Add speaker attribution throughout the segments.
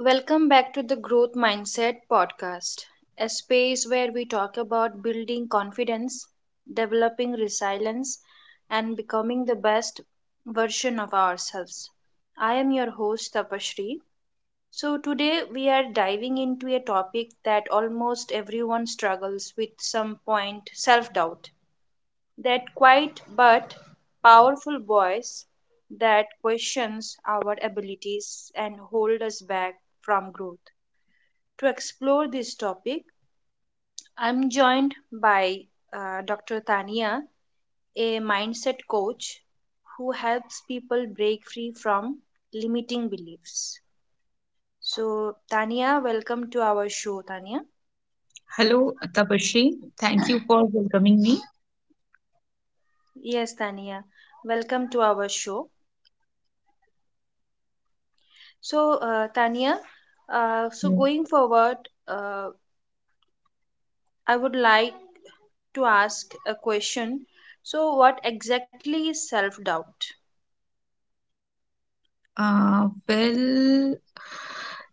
Speaker 1: Welcome back to the Growth Mindset podcast, a space where we talk about building confidence, developing resilience, and becoming the best version of ourselves. I am your host, Tapashri. So today we are diving into a topic that almost everyone struggles with some point, self doubt. That quiet but powerful voice that questions our abilities and hold us back from growth. To explore this topic, I'm joined by Dr. Tania, a mindset coach who helps people break free from limiting beliefs. So, Tania, welcome to our show, Tania.
Speaker 2: Hello, Tapashri. Thank you for welcoming me.
Speaker 1: Yes, Tania, welcome to our show. So, Tania, so
Speaker 2: Mm.
Speaker 1: going forward, uh, I would like to ask a question. So, what exactly is self doubt?
Speaker 2: Uh, well,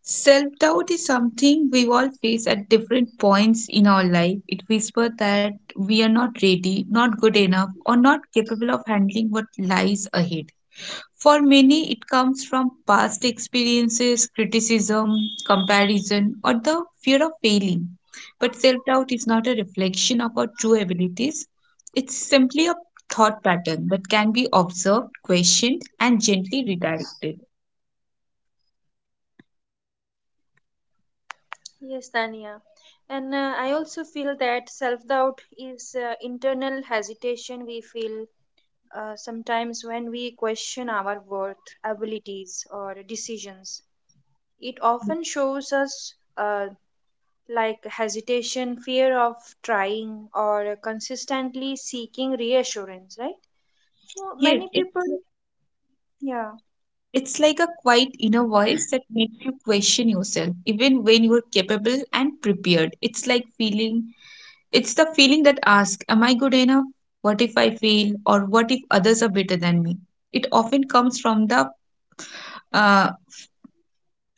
Speaker 2: self doubt is something we all face at different points in our life. It whispers that we are not ready, not good enough, or not capable of handling what lies ahead. For many, it comes from past experiences, criticism, comparison, or the fear of failing. But self doubt is not a reflection of our true abilities. It's simply a thought pattern that can be observed, questioned, and gently redirected.
Speaker 1: Yes, Tania. And I also feel that self doubt is internal hesitation we feel sometimes when we question our worth, abilities, or decisions. It often shows us like hesitation, fear of trying, or consistently seeking reassurance, right? So
Speaker 2: Yes,
Speaker 1: many people,
Speaker 2: it's
Speaker 1: yeah.
Speaker 2: it's like a quiet inner voice that makes you question yourself, even when you're capable and prepared. It's the feeling that asks, am I good enough? What if I fail? Or what if others are better than me? It often comes from the uh,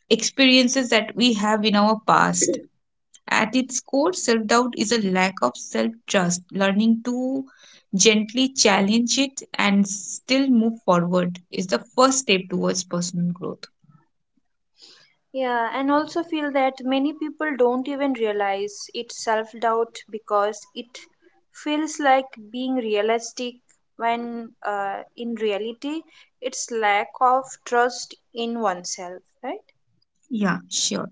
Speaker 2: experiences that we have in our past. At its core, self doubt is a lack of self trust. Learning to gently challenge it and still move forward is the first step towards personal growth.
Speaker 1: Yeah, and also feel that many people don't even realize it's self doubt because it feels like being realistic when in reality it's lack of trust in oneself, right?
Speaker 2: Yeah, sure.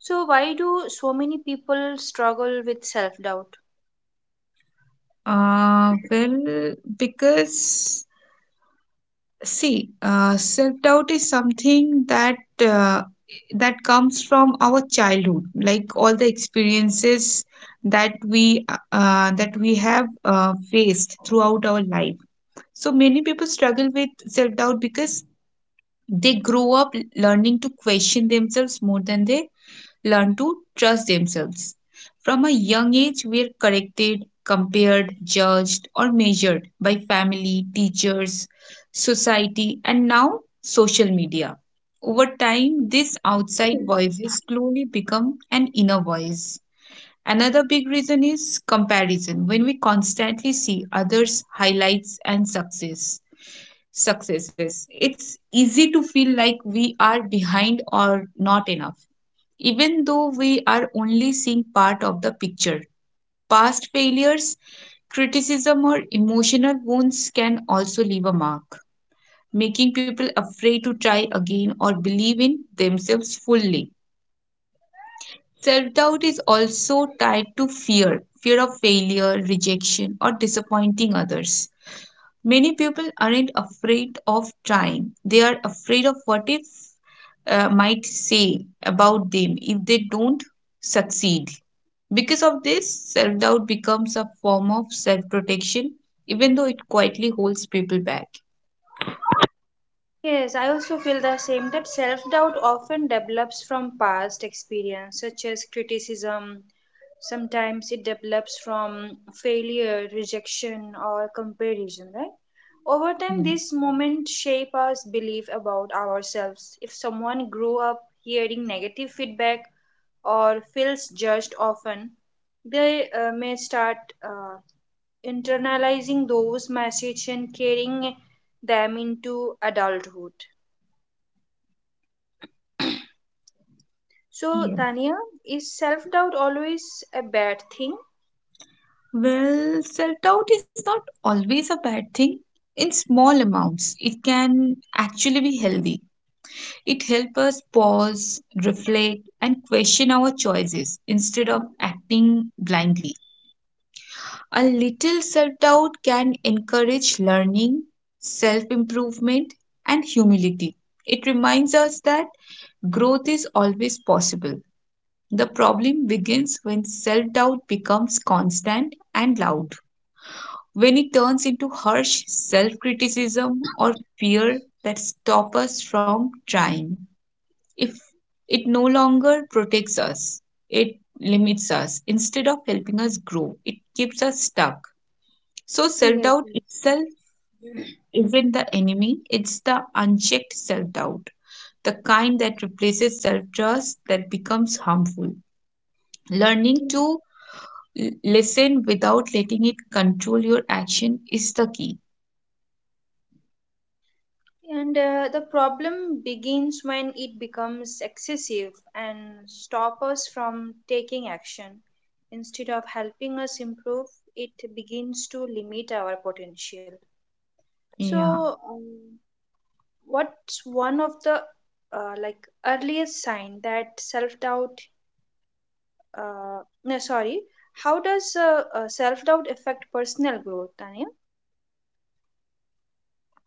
Speaker 1: So, why do so many people struggle with self doubt?
Speaker 2: Uh, well, because self doubt is something that comes from our childhood, like all the experiences that we that we have faced throughout our life. So many people struggle with self doubt because they grow up learning to question themselves more than they learn to trust themselves. From a young age, we are corrected, compared, judged, or measured by family, teachers, society, and now social media. Over time, these outside voices slowly become an inner voice. Another big reason is comparison. When we constantly see others' highlights and successes, it's easy to feel like we are behind or not enough, even though we are only seeing part of the picture. Past failures, criticism, or emotional wounds can also leave a mark, making people afraid to try again or believe in themselves fully. Self doubt is also tied to fear, fear of failure, rejection, or disappointing others. Many people aren't afraid of trying, they are afraid of what if might say about them if they don't succeed. Because of this, self doubt becomes a form of self protection, even though it quietly holds people back.
Speaker 1: Yes, I also feel the same that self doubt often develops from past experience, such as criticism. Sometimes it develops from failure, rejection, or comparison, right? Over time,
Speaker 2: Mm.
Speaker 1: these moments shape our belief about ourselves. If someone grew up hearing negative feedback or feels judged often, they may start uh, internalizing those messages and carrying them into adulthood. So,
Speaker 2: Yes.
Speaker 1: Tania, is self doubt always a bad thing?
Speaker 2: Well, self doubt is not always a bad thing. In small amounts, it can actually be healthy. It helps us pause, reflect, and question our choices instead of acting blindly. A little self doubt can encourage learning, self improvement, and humility. It reminds us that growth is always possible. The problem begins when self doubt becomes constant and loud, when it turns into harsh self criticism or fear that stop us from trying. If it no longer protects us, it limits us. Instead of helping us grow, it keeps us stuck. So, self
Speaker 1: Yes,
Speaker 2: doubt
Speaker 1: yes.
Speaker 2: itself isn't the enemy, it's the unchecked self doubt, the kind that replaces self trust that becomes harmful. Learning
Speaker 1: Yeah.
Speaker 2: to listen without letting it control your action is the key.
Speaker 1: And the problem begins when it becomes excessive and stop us from taking action. Instead of helping us improve, it begins to limit our potential.
Speaker 2: Yeah.
Speaker 1: So, what's one of the uh, like earliest sign that self doubt no, sorry. How does self doubt affect personal growth, Tanya?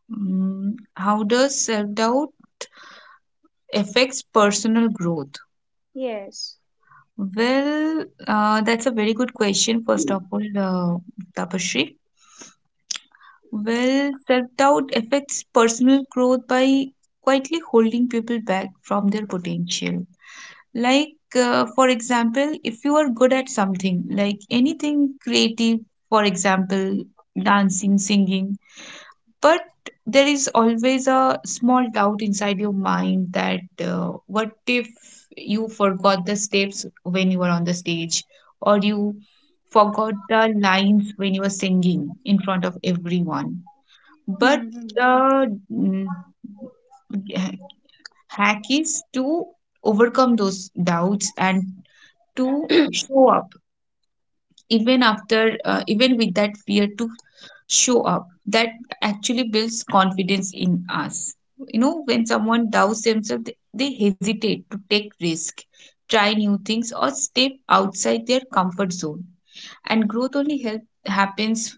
Speaker 2: Mm, how does self doubt affects personal growth?
Speaker 1: Yes.
Speaker 2: Well, that's a very good question, first of all, Tapashri. Well, self doubt affects personal growth by quietly holding people back from their potential. Like, for example, if you are good at something, like anything creative, for example, dancing, singing, but there is always a small doubt inside your mind that what if you forgot the steps when you were on the stage, or you forgot the lines when you were singing in front of everyone,
Speaker 1: Hmm,
Speaker 2: but
Speaker 1: hmm.
Speaker 2: the hack is to overcome those doubts and to show up even after even with that fear, to show up, that actually builds confidence in us. You know, when someone doubts themselves, they hesitate to take risk, try new things, or step outside their comfort zone. And growth only happens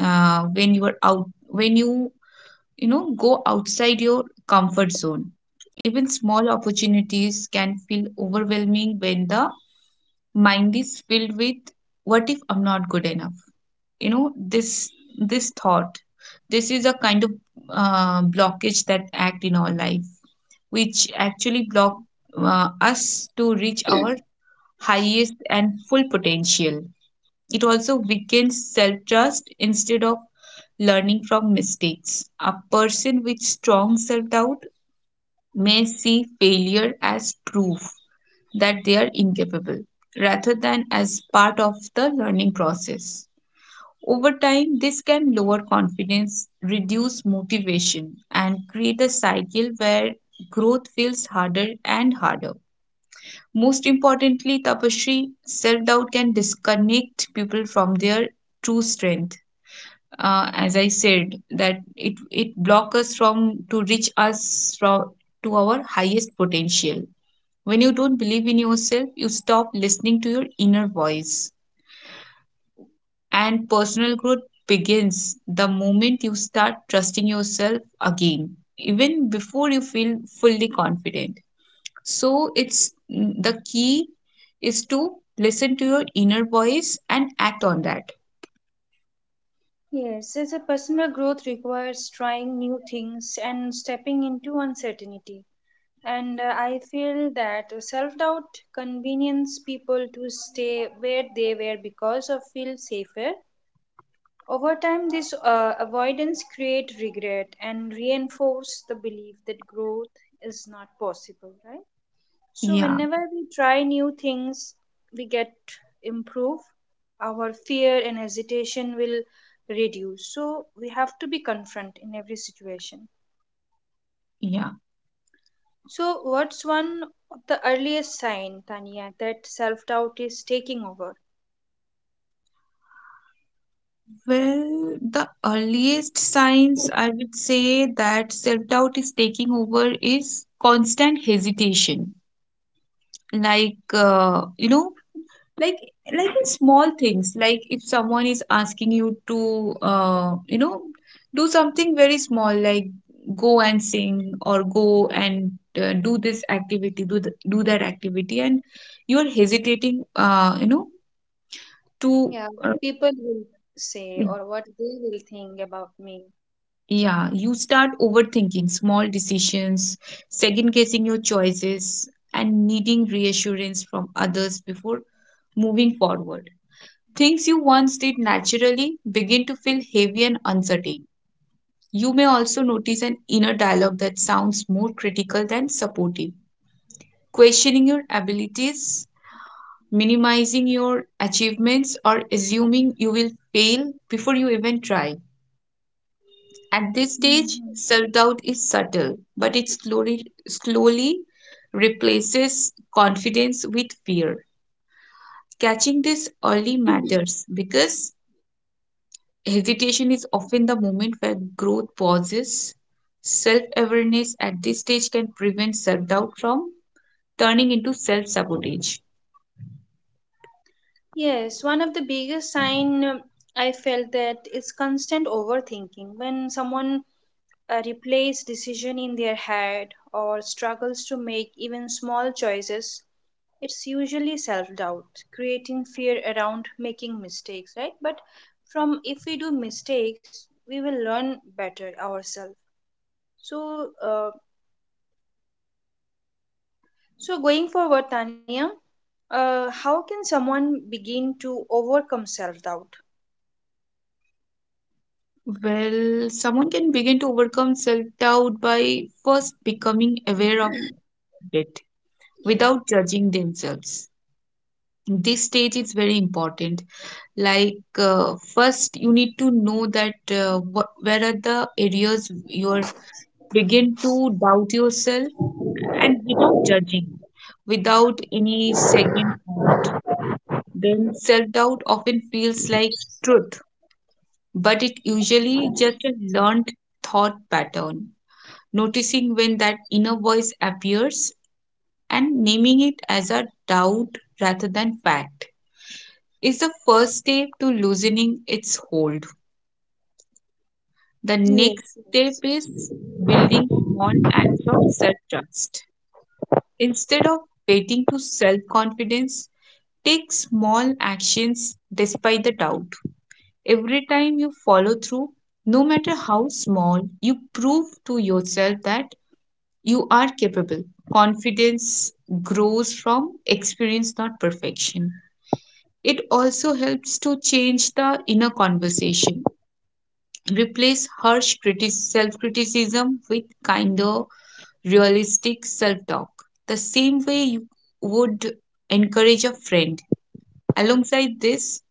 Speaker 2: when you are out, when you know, go outside your comfort zone. Even small opportunities can feel overwhelming when the mind is filled with what if I'm not good enough. You know, this this thought, this is a kind of blockage that act in our life, which actually block us to reach our highest and full potential. It also weakens self trust. Instead of learning from mistakes, a person with strong self doubt may see failure as proof that they are incapable rather than as part of the learning process. Over time, this can lower confidence, reduce motivation, and create a cycle where growth feels harder and harder. Most importantly, tapasri, self doubt can disconnect people from their true strength. As I said, that it blocks us from to reach us from to our highest potential. When you don't believe in yourself, you stop listening to your inner voice. And personal growth begins the moment you start trusting yourself again, even before you feel fully confident. So, it's the key is to listen to your inner voice and act on that.
Speaker 1: Yes, as a personal growth requires trying new things and stepping into uncertainty. And I feel that self doubt convenience people to stay where they were because of feel safer. Over time, this avoidance create regret and reinforce the belief that growth is not possible, right? So
Speaker 2: Yeah,
Speaker 1: whenever we try new things, we get improve. Our fear and hesitation will reduce. So we have to be confront in every situation.
Speaker 2: yeah.
Speaker 1: So what's one of the earliest sign, Tania, that self-doubt is taking over?
Speaker 2: Well, the earliest signs I would say that self doubt is taking over is constant hesitation. Like, like like in small things, like if someone is asking you to do something very small, like go and sing, or go and do this activity, do that activity, and you're hesitating, to
Speaker 1: Yeah, what
Speaker 2: uh,
Speaker 1: people will say
Speaker 2: y-
Speaker 1: or what they will think about me.
Speaker 2: yeah, you start overthinking small decisions, second guessing your choices, and needing reassurance from others before moving forward. Things you once did naturally begin to feel heavy and uncertain. You may also notice an inner dialogue that sounds more critical than supportive, questioning your abilities, minimizing your achievements, or assuming you will fail before you even try. At this stage, self doubt is subtle, but it slowly, slowly replaces confidence with fear. Catching this early matters because hesitation is often the moment where growth pauses. Self awareness at this stage can prevent self doubt from turning into self sabotage.
Speaker 1: Yes, one of the biggest sign I felt that is constant overthinking. When someone replays decision in their head or struggles to make even small choices, it's usually self-doubt, creating fear around making mistakes, right? But from if we do mistakes, we will learn better ourselves. So, so going forward, Tanya, how can someone begin to overcome self-doubt?
Speaker 2: Well, someone can begin to overcome self doubt by first becoming aware of it without judging themselves. This stage is very important. Like, first, you need to know that what, where are the areas you are begin to doubt yourself, and without judging, without any second thought, then self doubt often feels like truth, but it usually just a learned thought pattern. Noticing when that inner voice appears and naming it as a doubt rather than fact is the first step to loosening its hold. The next step is building small acts of self trust. Instead of waiting to self confidence, take small actions despite the doubt. Every time you follow through, no matter how small, you prove to yourself that you are capable. Confidence grows from experience, not perfection. It also helps to change the inner conversation. Replace harsh self criticism with kinder, realistic self talk, the same way you would encourage a friend. Alongside this,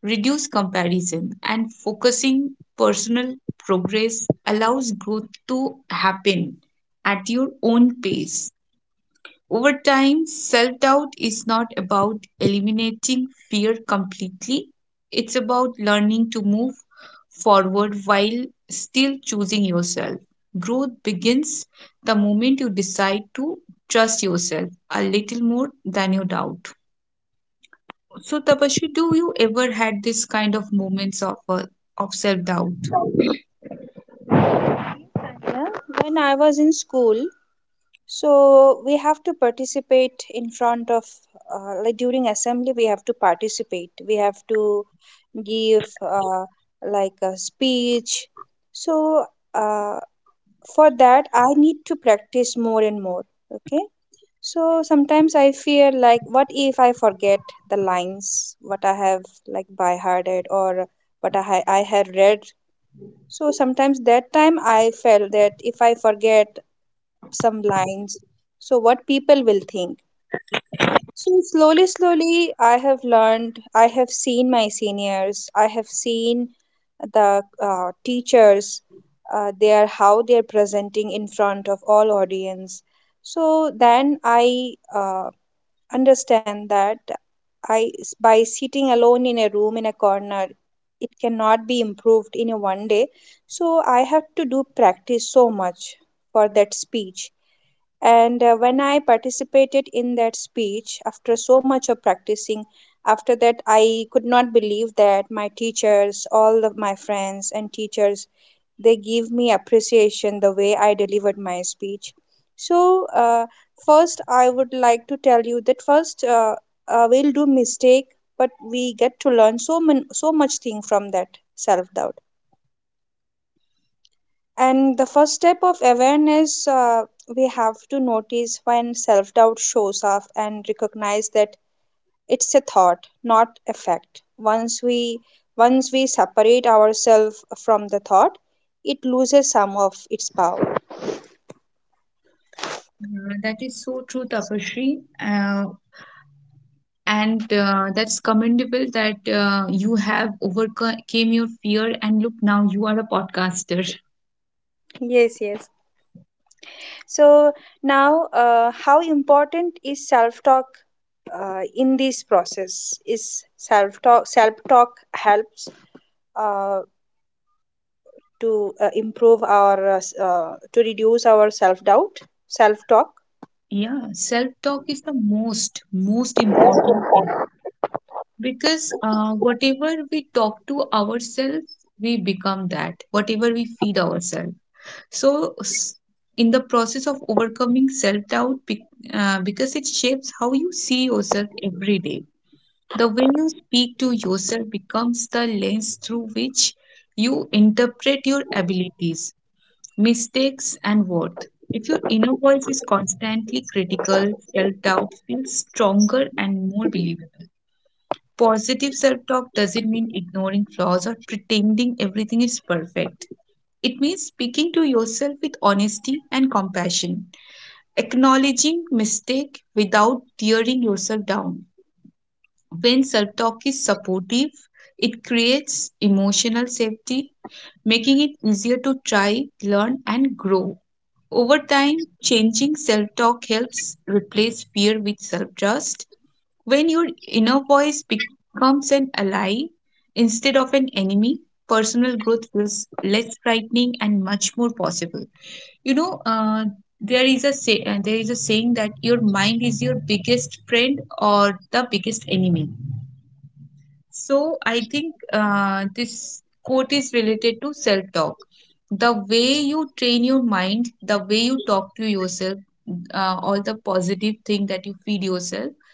Speaker 2: reduce comparison, and focusing personal progress allows growth to happen at your own pace. Over time, self doubt is not about eliminating fear completely, it's about learning to move forward while still choosing yourself. Growth begins the moment you decide to trust yourself a little more than you doubt. So, Tapashri, do you ever had this kind of moments of self doubt?
Speaker 1: Yeah, when I was in school, so we have to participate in front of, like during assembly, we have to participate. We have to give like a speech. So uh, for that, I need to practice more and more. Okay. So sometimes I fear like, what if I forget the lines, what I have like by hearted or what I have read. So sometimes that time I felt that if I forget some lines, so what people will think. So slowly, slowly I have learned, I have seen my seniors, I have seen the teachers, they are how they are presenting in front of all audience. So then I understand that I, by sitting alone in a room in a corner, it cannot be improved in a one day. So I have to do practice so much for that speech. And when I participated in that speech, after so much of practicing, after that I could not believe that my teachers, all of my friends and teachers, they give me appreciation the way I delivered my speech. So first, I would like to tell you that first we'll do mistake, but we get to learn so much thing from that self doubt. And the first step of awareness, we have to notice when self doubt shows up and recognize that it's a thought, not a fact. Once we separate ourselves from the thought, it loses some of its power.
Speaker 2: That is so true, Tapashri. Uh, and that's commendable that you have overcame your fear, and look, now you are a podcaster.
Speaker 1: Yes, yes. So now, how important is self talk in this process? Is self talk Self talk helps uh, to improve our to reduce our self doubt, self talk.
Speaker 2: Yeah, self talk is the most important thing, because whatever we talk to ourselves, we become that. Whatever we feed ourselves. So, in the process of overcoming self doubt, because it shapes how you see yourself every day, the way you speak to yourself becomes the lens through which you interpret your abilities, mistakes, and worth. If your inner voice is constantly critical, self doubt feels stronger and more believable. Positive self talk doesn't mean ignoring flaws or pretending everything is perfect. It means speaking to yourself with honesty and compassion, acknowledging mistake without tearing yourself down. When self-talk is supportive, it creates emotional safety, making it easier to try, learn and grow. Over time, changing self-talk helps replace fear with self-trust. When your inner voice becomes an ally instead of an enemy, personal growth feels less frightening and much more possible you know uh, there is a saying that your mind is your biggest friend or the biggest enemy. So I think this quote is related to self talk. The way you train your mind, the way you talk to yourself, all the positive thing that you feed yourself,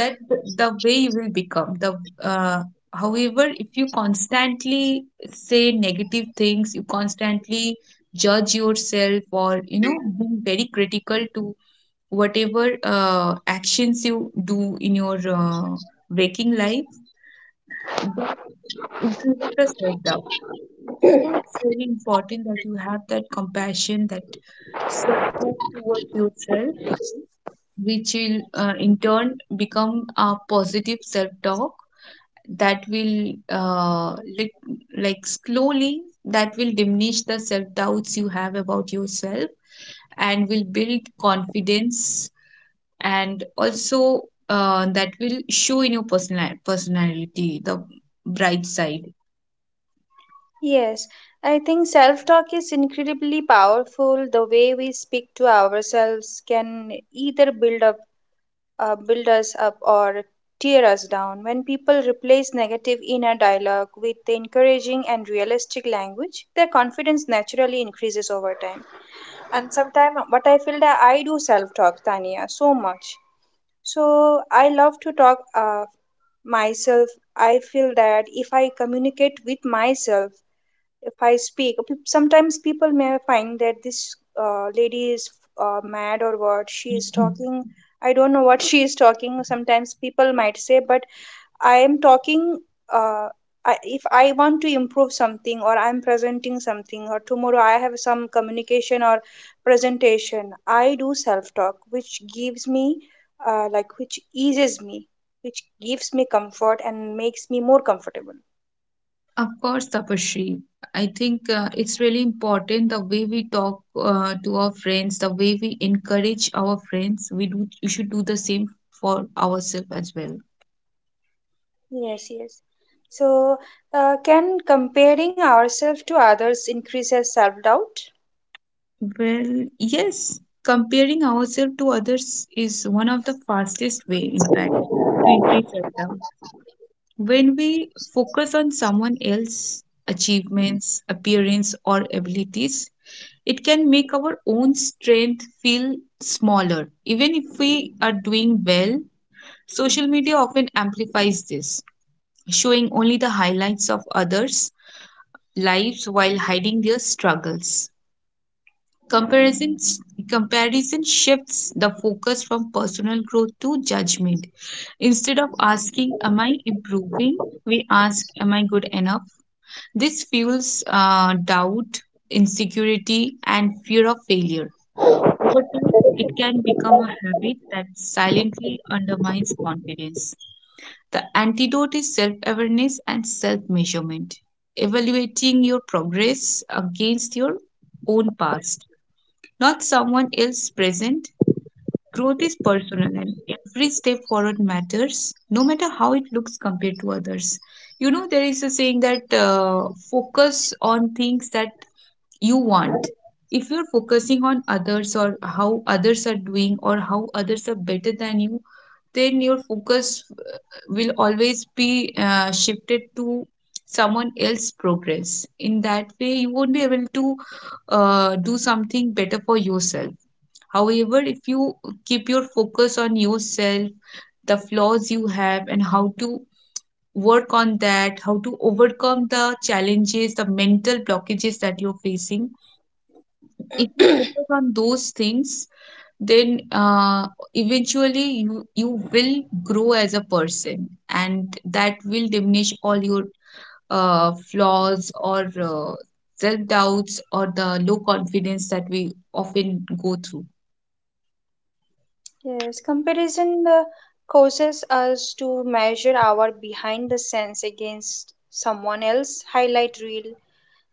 Speaker 2: that the way you will become the uh, However, if you constantly say negative things, you constantly judge yourself or you know being very critical to whatever actions you do in your waking life, that increases the self doubt. So it's very important that you have that compassion, that self love towards yourself, which will in turn become a positive self talk, that will lit like slowly that will diminish the self doubts you have about yourself and will build confidence. And also, that will show in your personality the bright side.
Speaker 1: Yes, I think self talk is incredibly powerful. The way we speak to ourselves can either build us up or tear us down. When people replace negative inner dialogue with encouraging and realistic language, their confidence naturally increases over time. And sometimes, what I feel that I do self talk, Tania, so much. So I love to talk myself. I feel that if I communicate with myself, if I speak, sometimes people may find that this lady is mad or what she is
Speaker 2: Mhm.
Speaker 1: talking. I don't know what she is talking. Sometimes people might say, but I am talking, uh, if I want to improve something or I'm presenting something or tomorrow I have some communication or presentation, I do self talk, which gives me which eases me, which gives me comfort and makes me more comfortable.
Speaker 2: Of course, Tapashri, I think it's really important the way we talk to our friends, the way we encourage our friends, we do. You should do the same for ourselves as well.
Speaker 1: Yes, yes. So, can comparing ourselves to others increase our self doubt?
Speaker 2: Well, yes, comparing ourselves to others is one of the fastest way, in fact, to increase self-doubt. When we focus on someone else's achievements, appearance, or abilities, it can make our own strength feel smaller, even if we are doing well. Social media often amplifies this, showing only the highlights of others' lives while hiding their struggles. Comparisons, comparison shifts the focus from personal growth to judgment. Instead of asking, am I improving? We ask, am I good enough? This fuels doubt, insecurity, and fear of failure. Over time, it can become a habit that silently undermines confidence. The antidote is self awareness and self measurement, evaluating your progress against your own past, not someone else present. Growth is personal and every step forward matters, no matter how it looks compared to others. You know, there is a saying that focus on things that you want. If you're focusing on others or how others are doing or how others are better than you, then your focus will always be shifted to someone else's progress. In that way, you won't be able to do something better for yourself. However, if you keep your focus on yourself, the flaws you have, and how to work on that, how to overcome the challenges, the mental blockages that you're facing, if you focus on those things, then eventually you will grow as a person, and that will diminish all your flaws or self doubts or the low confidence that we often go through.
Speaker 1: Yes, comparison causes us to measure our behind the sense against someone else highlight reel.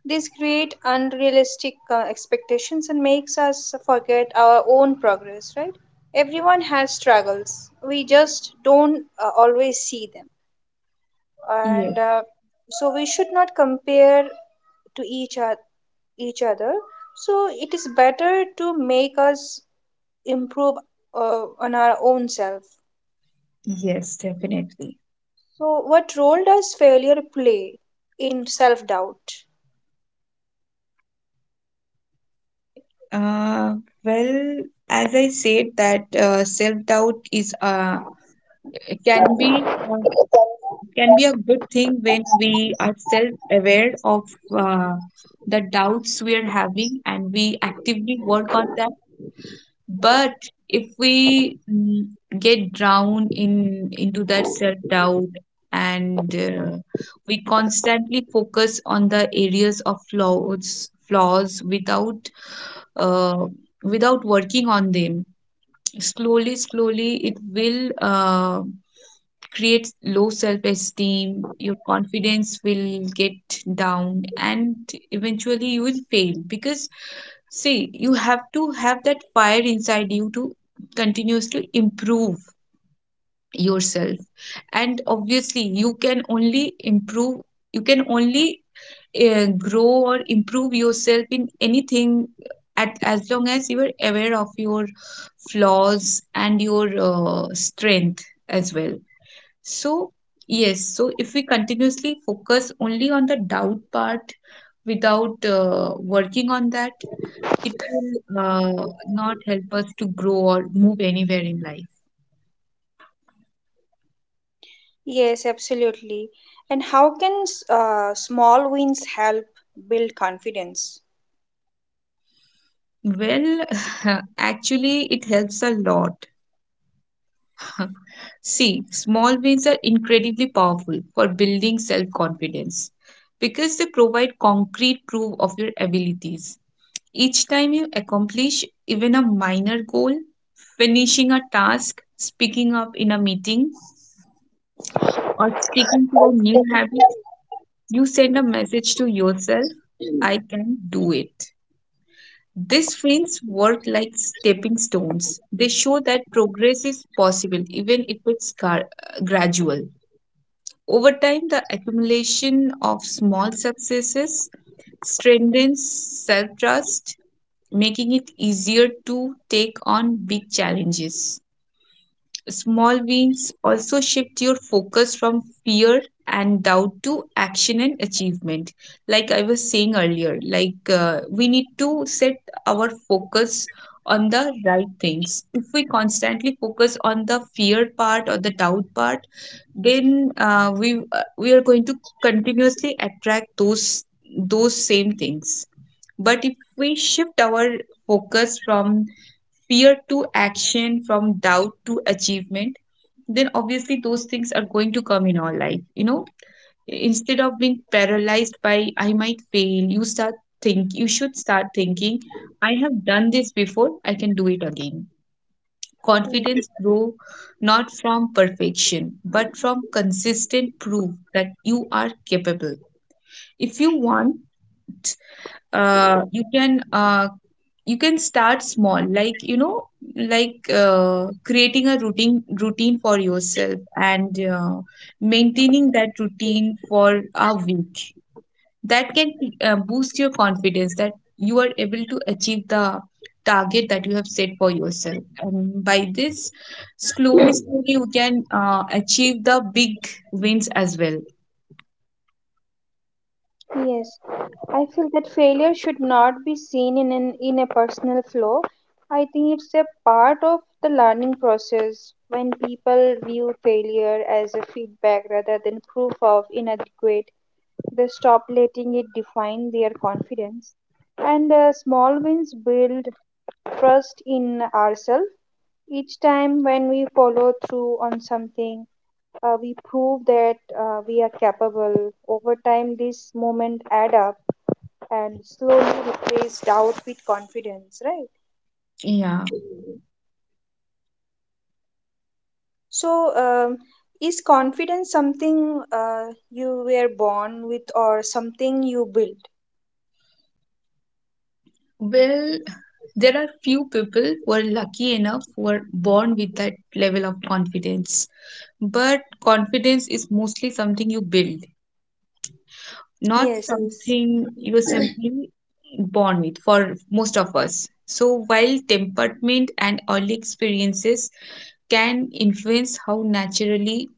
Speaker 1: This create unrealistic expectations and makes us forget our own progress, right? Everyone has struggles. We just don't always see them. And
Speaker 2: Yes.
Speaker 1: so we should not compare to each, other. Each other. So it is better to make us improve on our own self.
Speaker 2: Yes, definitely.
Speaker 1: So, what role does failure play in self doubt?
Speaker 2: Uh, well, as I said, that self-doubt is can be uh, can be a good thing when we are self-aware of uh, the doubts we are having and we actively work on that. But if we get drowned in into that self-doubt and we constantly focus on the areas of flaws without uh, without working on them, slowly it will create low self esteem, your confidence will get down, and eventually you will fail. Because see, you have to have that fire inside you to continuously improve yourself. And obviously you can only improve, you can only grow or improve yourself in anything at as long as you are aware of your flaws and your strength as well. So yes, so if we continuously focus only on the doubt part without working on that, it will not help us to grow or move anywhere in life.
Speaker 1: Yes, absolutely. And how can small wins help build confidence?
Speaker 2: Well, actually, it helps a lot. See, small wins are incredibly powerful for building self confidence because they provide concrete proof of your abilities. Each time you accomplish even a minor goal, finishing a task, speaking up in a meeting, or sticking to a new habit, you send a message to yourself: I can do it. These films work like stepping stones. They show that progress is possible, even if it's gradual. Over time, the accumulation of small successes strengthens self trust, making it easier to take on big challenges. Small wins also shift your focus from fear and doubt to action and achievement. Like I was saying earlier, like we need to set our focus on the right things. If we constantly focus on the fear part or the doubt part, then we are going to continuously attract those same things. But if we shift our focus from fear to action, from doubt to achievement, then obviously those things are going to come in our life. You know, instead of being paralyzed by I might fail, you start think you should start thinking I have done this before, I can do it again. Confidence grow not from perfection but from consistent proof that you are capable. If you want, uh, you can uh, you can start small, like you know, like creating a routine for yourself and maintaining that routine for a week. That can boost your confidence that you are able to achieve the target that you have set for yourself. And by this, slowly you can achieve the big wins as well.
Speaker 1: Yes, I feel that failure should not be seen in in a personal flaw. I think it's a part of the learning process when people view failure as a feedback rather than proof of inadequate. They stop letting it define their confidence. And small wins build trust in ourselves. Each time when we follow through on something, we prove that we are capable. Over time, this moment add up and slowly replace doubt with confidence, right?
Speaker 2: Yeah.
Speaker 1: So, is confidence something you were born with or something you built?
Speaker 2: Well, there are few people who are lucky enough, who are born with that level of confidence. But confidence is mostly something you build, not
Speaker 1: Yes, yes.
Speaker 2: something you're simply born with for most of us. So while temperament and early experiences can influence how naturally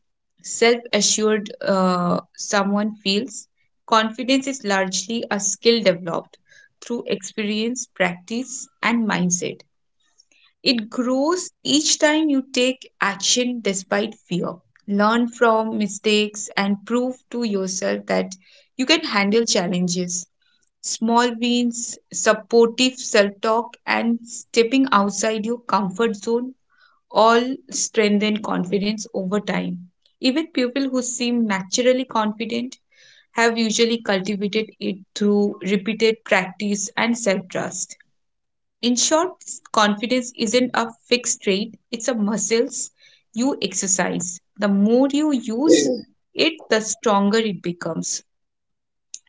Speaker 2: self assured someone feels. Confidence is largely a skill developed through experience, practice, and mindset. It grows each time you take action despite fear. Learn from mistakes and prove to yourself that you can handle challenges. Small wins, supportive self talk, and stepping outside your comfort zone all strengthen confidence over time. Even people who seem naturally confident have usually cultivated it through repeated practice and self trust. In short, confidence isn't a fixed trait, it's a muscles you exercise. The more you use it, the stronger it becomes.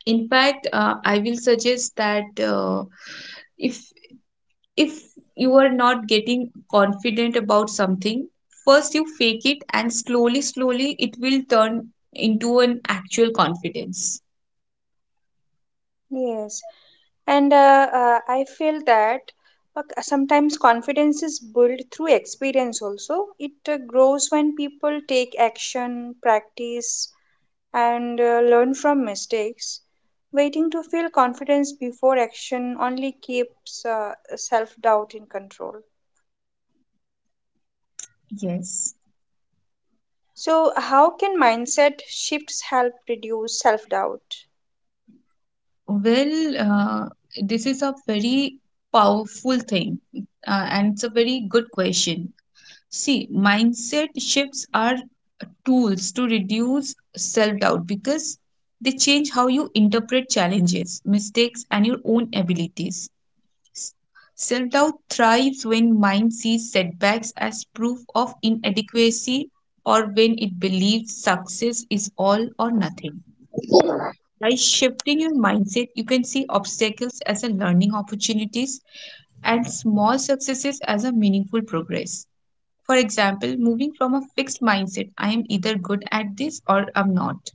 Speaker 2: In fact, I will suggest that uh, if if you are not getting confident about something, first you fake it and slowly, slowly it will turn into an actual confidence.
Speaker 1: Yes. And I feel that sometimes confidence is built through experience also. It grows when people take action, practice, and learn from mistakes. Waiting to feel confidence before action only keeps self doubt in control.
Speaker 2: Yes.
Speaker 1: So, how can mindset shifts help reduce self doubt?
Speaker 2: Well, this is a very powerful thing, and it's a very good question. See, mindset shifts are tools to reduce self doubt because they change how you interpret challenges, mistakes, and your own abilities. Self-doubt thrives when mind sees setbacks as proof of inadequacy or when it believes success is all or nothing. By shifting your mindset, you can see obstacles as a learning opportunities and small successes as a meaningful progress. For example, moving from a fixed mindset, I am either good at this or I'm not,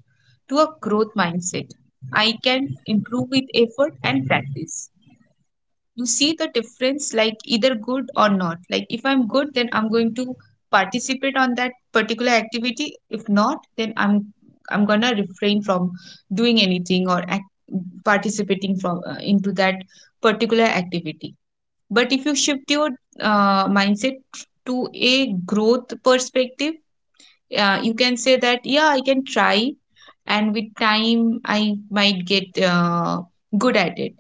Speaker 2: to a growth mindset, I can improve with effort and practice. You see the difference, like either good or not, like if I'm good then I'm going to participate on that particular activity, if not then I'm gonna refrain from doing anything or participating from into that particular activity. But if you shift your mindset to a growth perspective, you can say that yeah I can try and with time I might get good at it.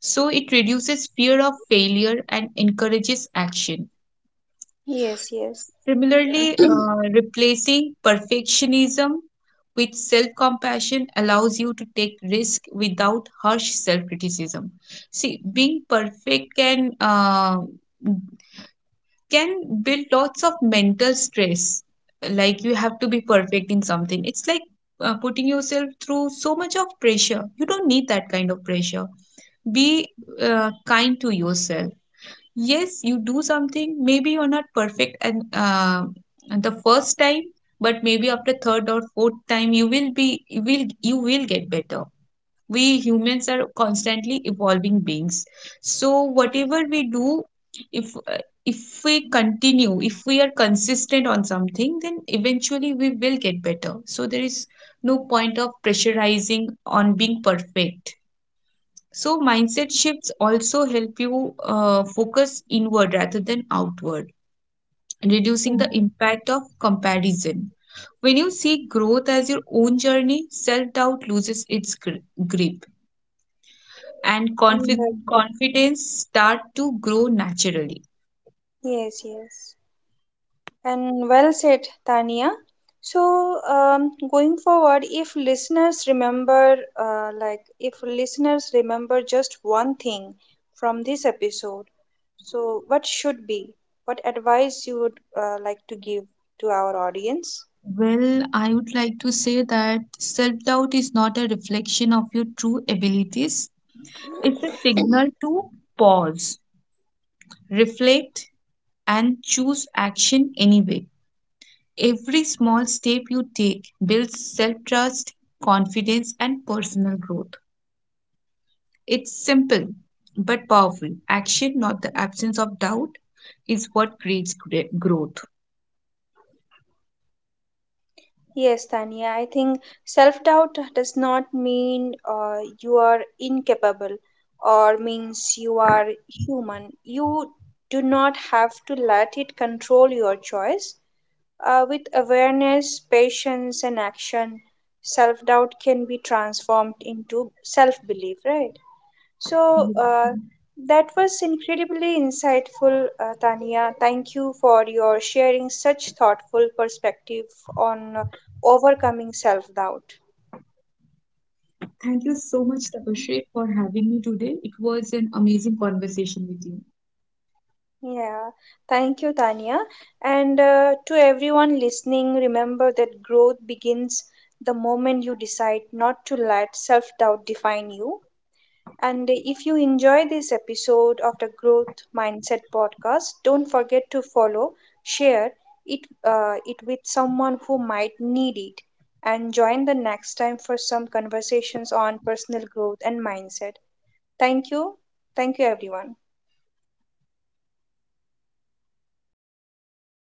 Speaker 2: So it reduces fear of failure and encourages action.
Speaker 1: Yes, yes.
Speaker 2: Similarly, replacing perfectionism with self compassion allows you to take risk without harsh self criticism. See, being perfect can build lots of mental stress. Like you have to be perfect in something. It's like putting yourself through so much of pressure. You don't need that kind of pressure. Be kind to yourself. Yes, you do something, maybe you're not perfect and the first time, but maybe after third or fourth time you will you will get better. We humans are constantly evolving beings, so whatever we do, if if we continue, if we are consistent on something, then eventually we will get better. So there is no point of pressurizing on being perfect. So, mindset shifts also help you focus inward rather than outward, reducing the impact of comparison. When you see growth as your own journey, self doubt loses its grip and
Speaker 1: And,
Speaker 2: confidence start to grow naturally.
Speaker 1: mm, yes, yes. And well said, Tania. So, going forward, if listeners remember just one thing from this episode, so what should be? What advice you would like to give to our audience?
Speaker 2: Well, I would like to say that self doubt is not a reflection of your true abilities, it's a signal to pause, reflect, and choose action anyway. Every small step you take builds self trust, confidence, and personal growth. It's simple but powerful. Action, not the absence of doubt, is what creates growth.
Speaker 1: Yes, Tania, I think self doubt does not mean you are incapable or means you are human. You do not have to let it control your choice. With awareness, patience, and action, self doubt can be transformed into self belief, right? So,
Speaker 2: Yeah.
Speaker 1: that was incredibly insightful, Tania. Thank you for your sharing such thoughtful perspective on overcoming self doubt.
Speaker 2: Thank you so much, Tapashri, for having me today. It was an amazing conversation with you.
Speaker 1: Yeah, thank you, Tania. And to everyone listening, remember that growth begins the moment you decide not to let self doubt define you. And if you enjoy this episode of the Growth Mindset podcast, don't forget to follow, share it, with someone who might need it, and join the next time for some conversations on personal growth and mindset. Thank you. Thank you, everyone.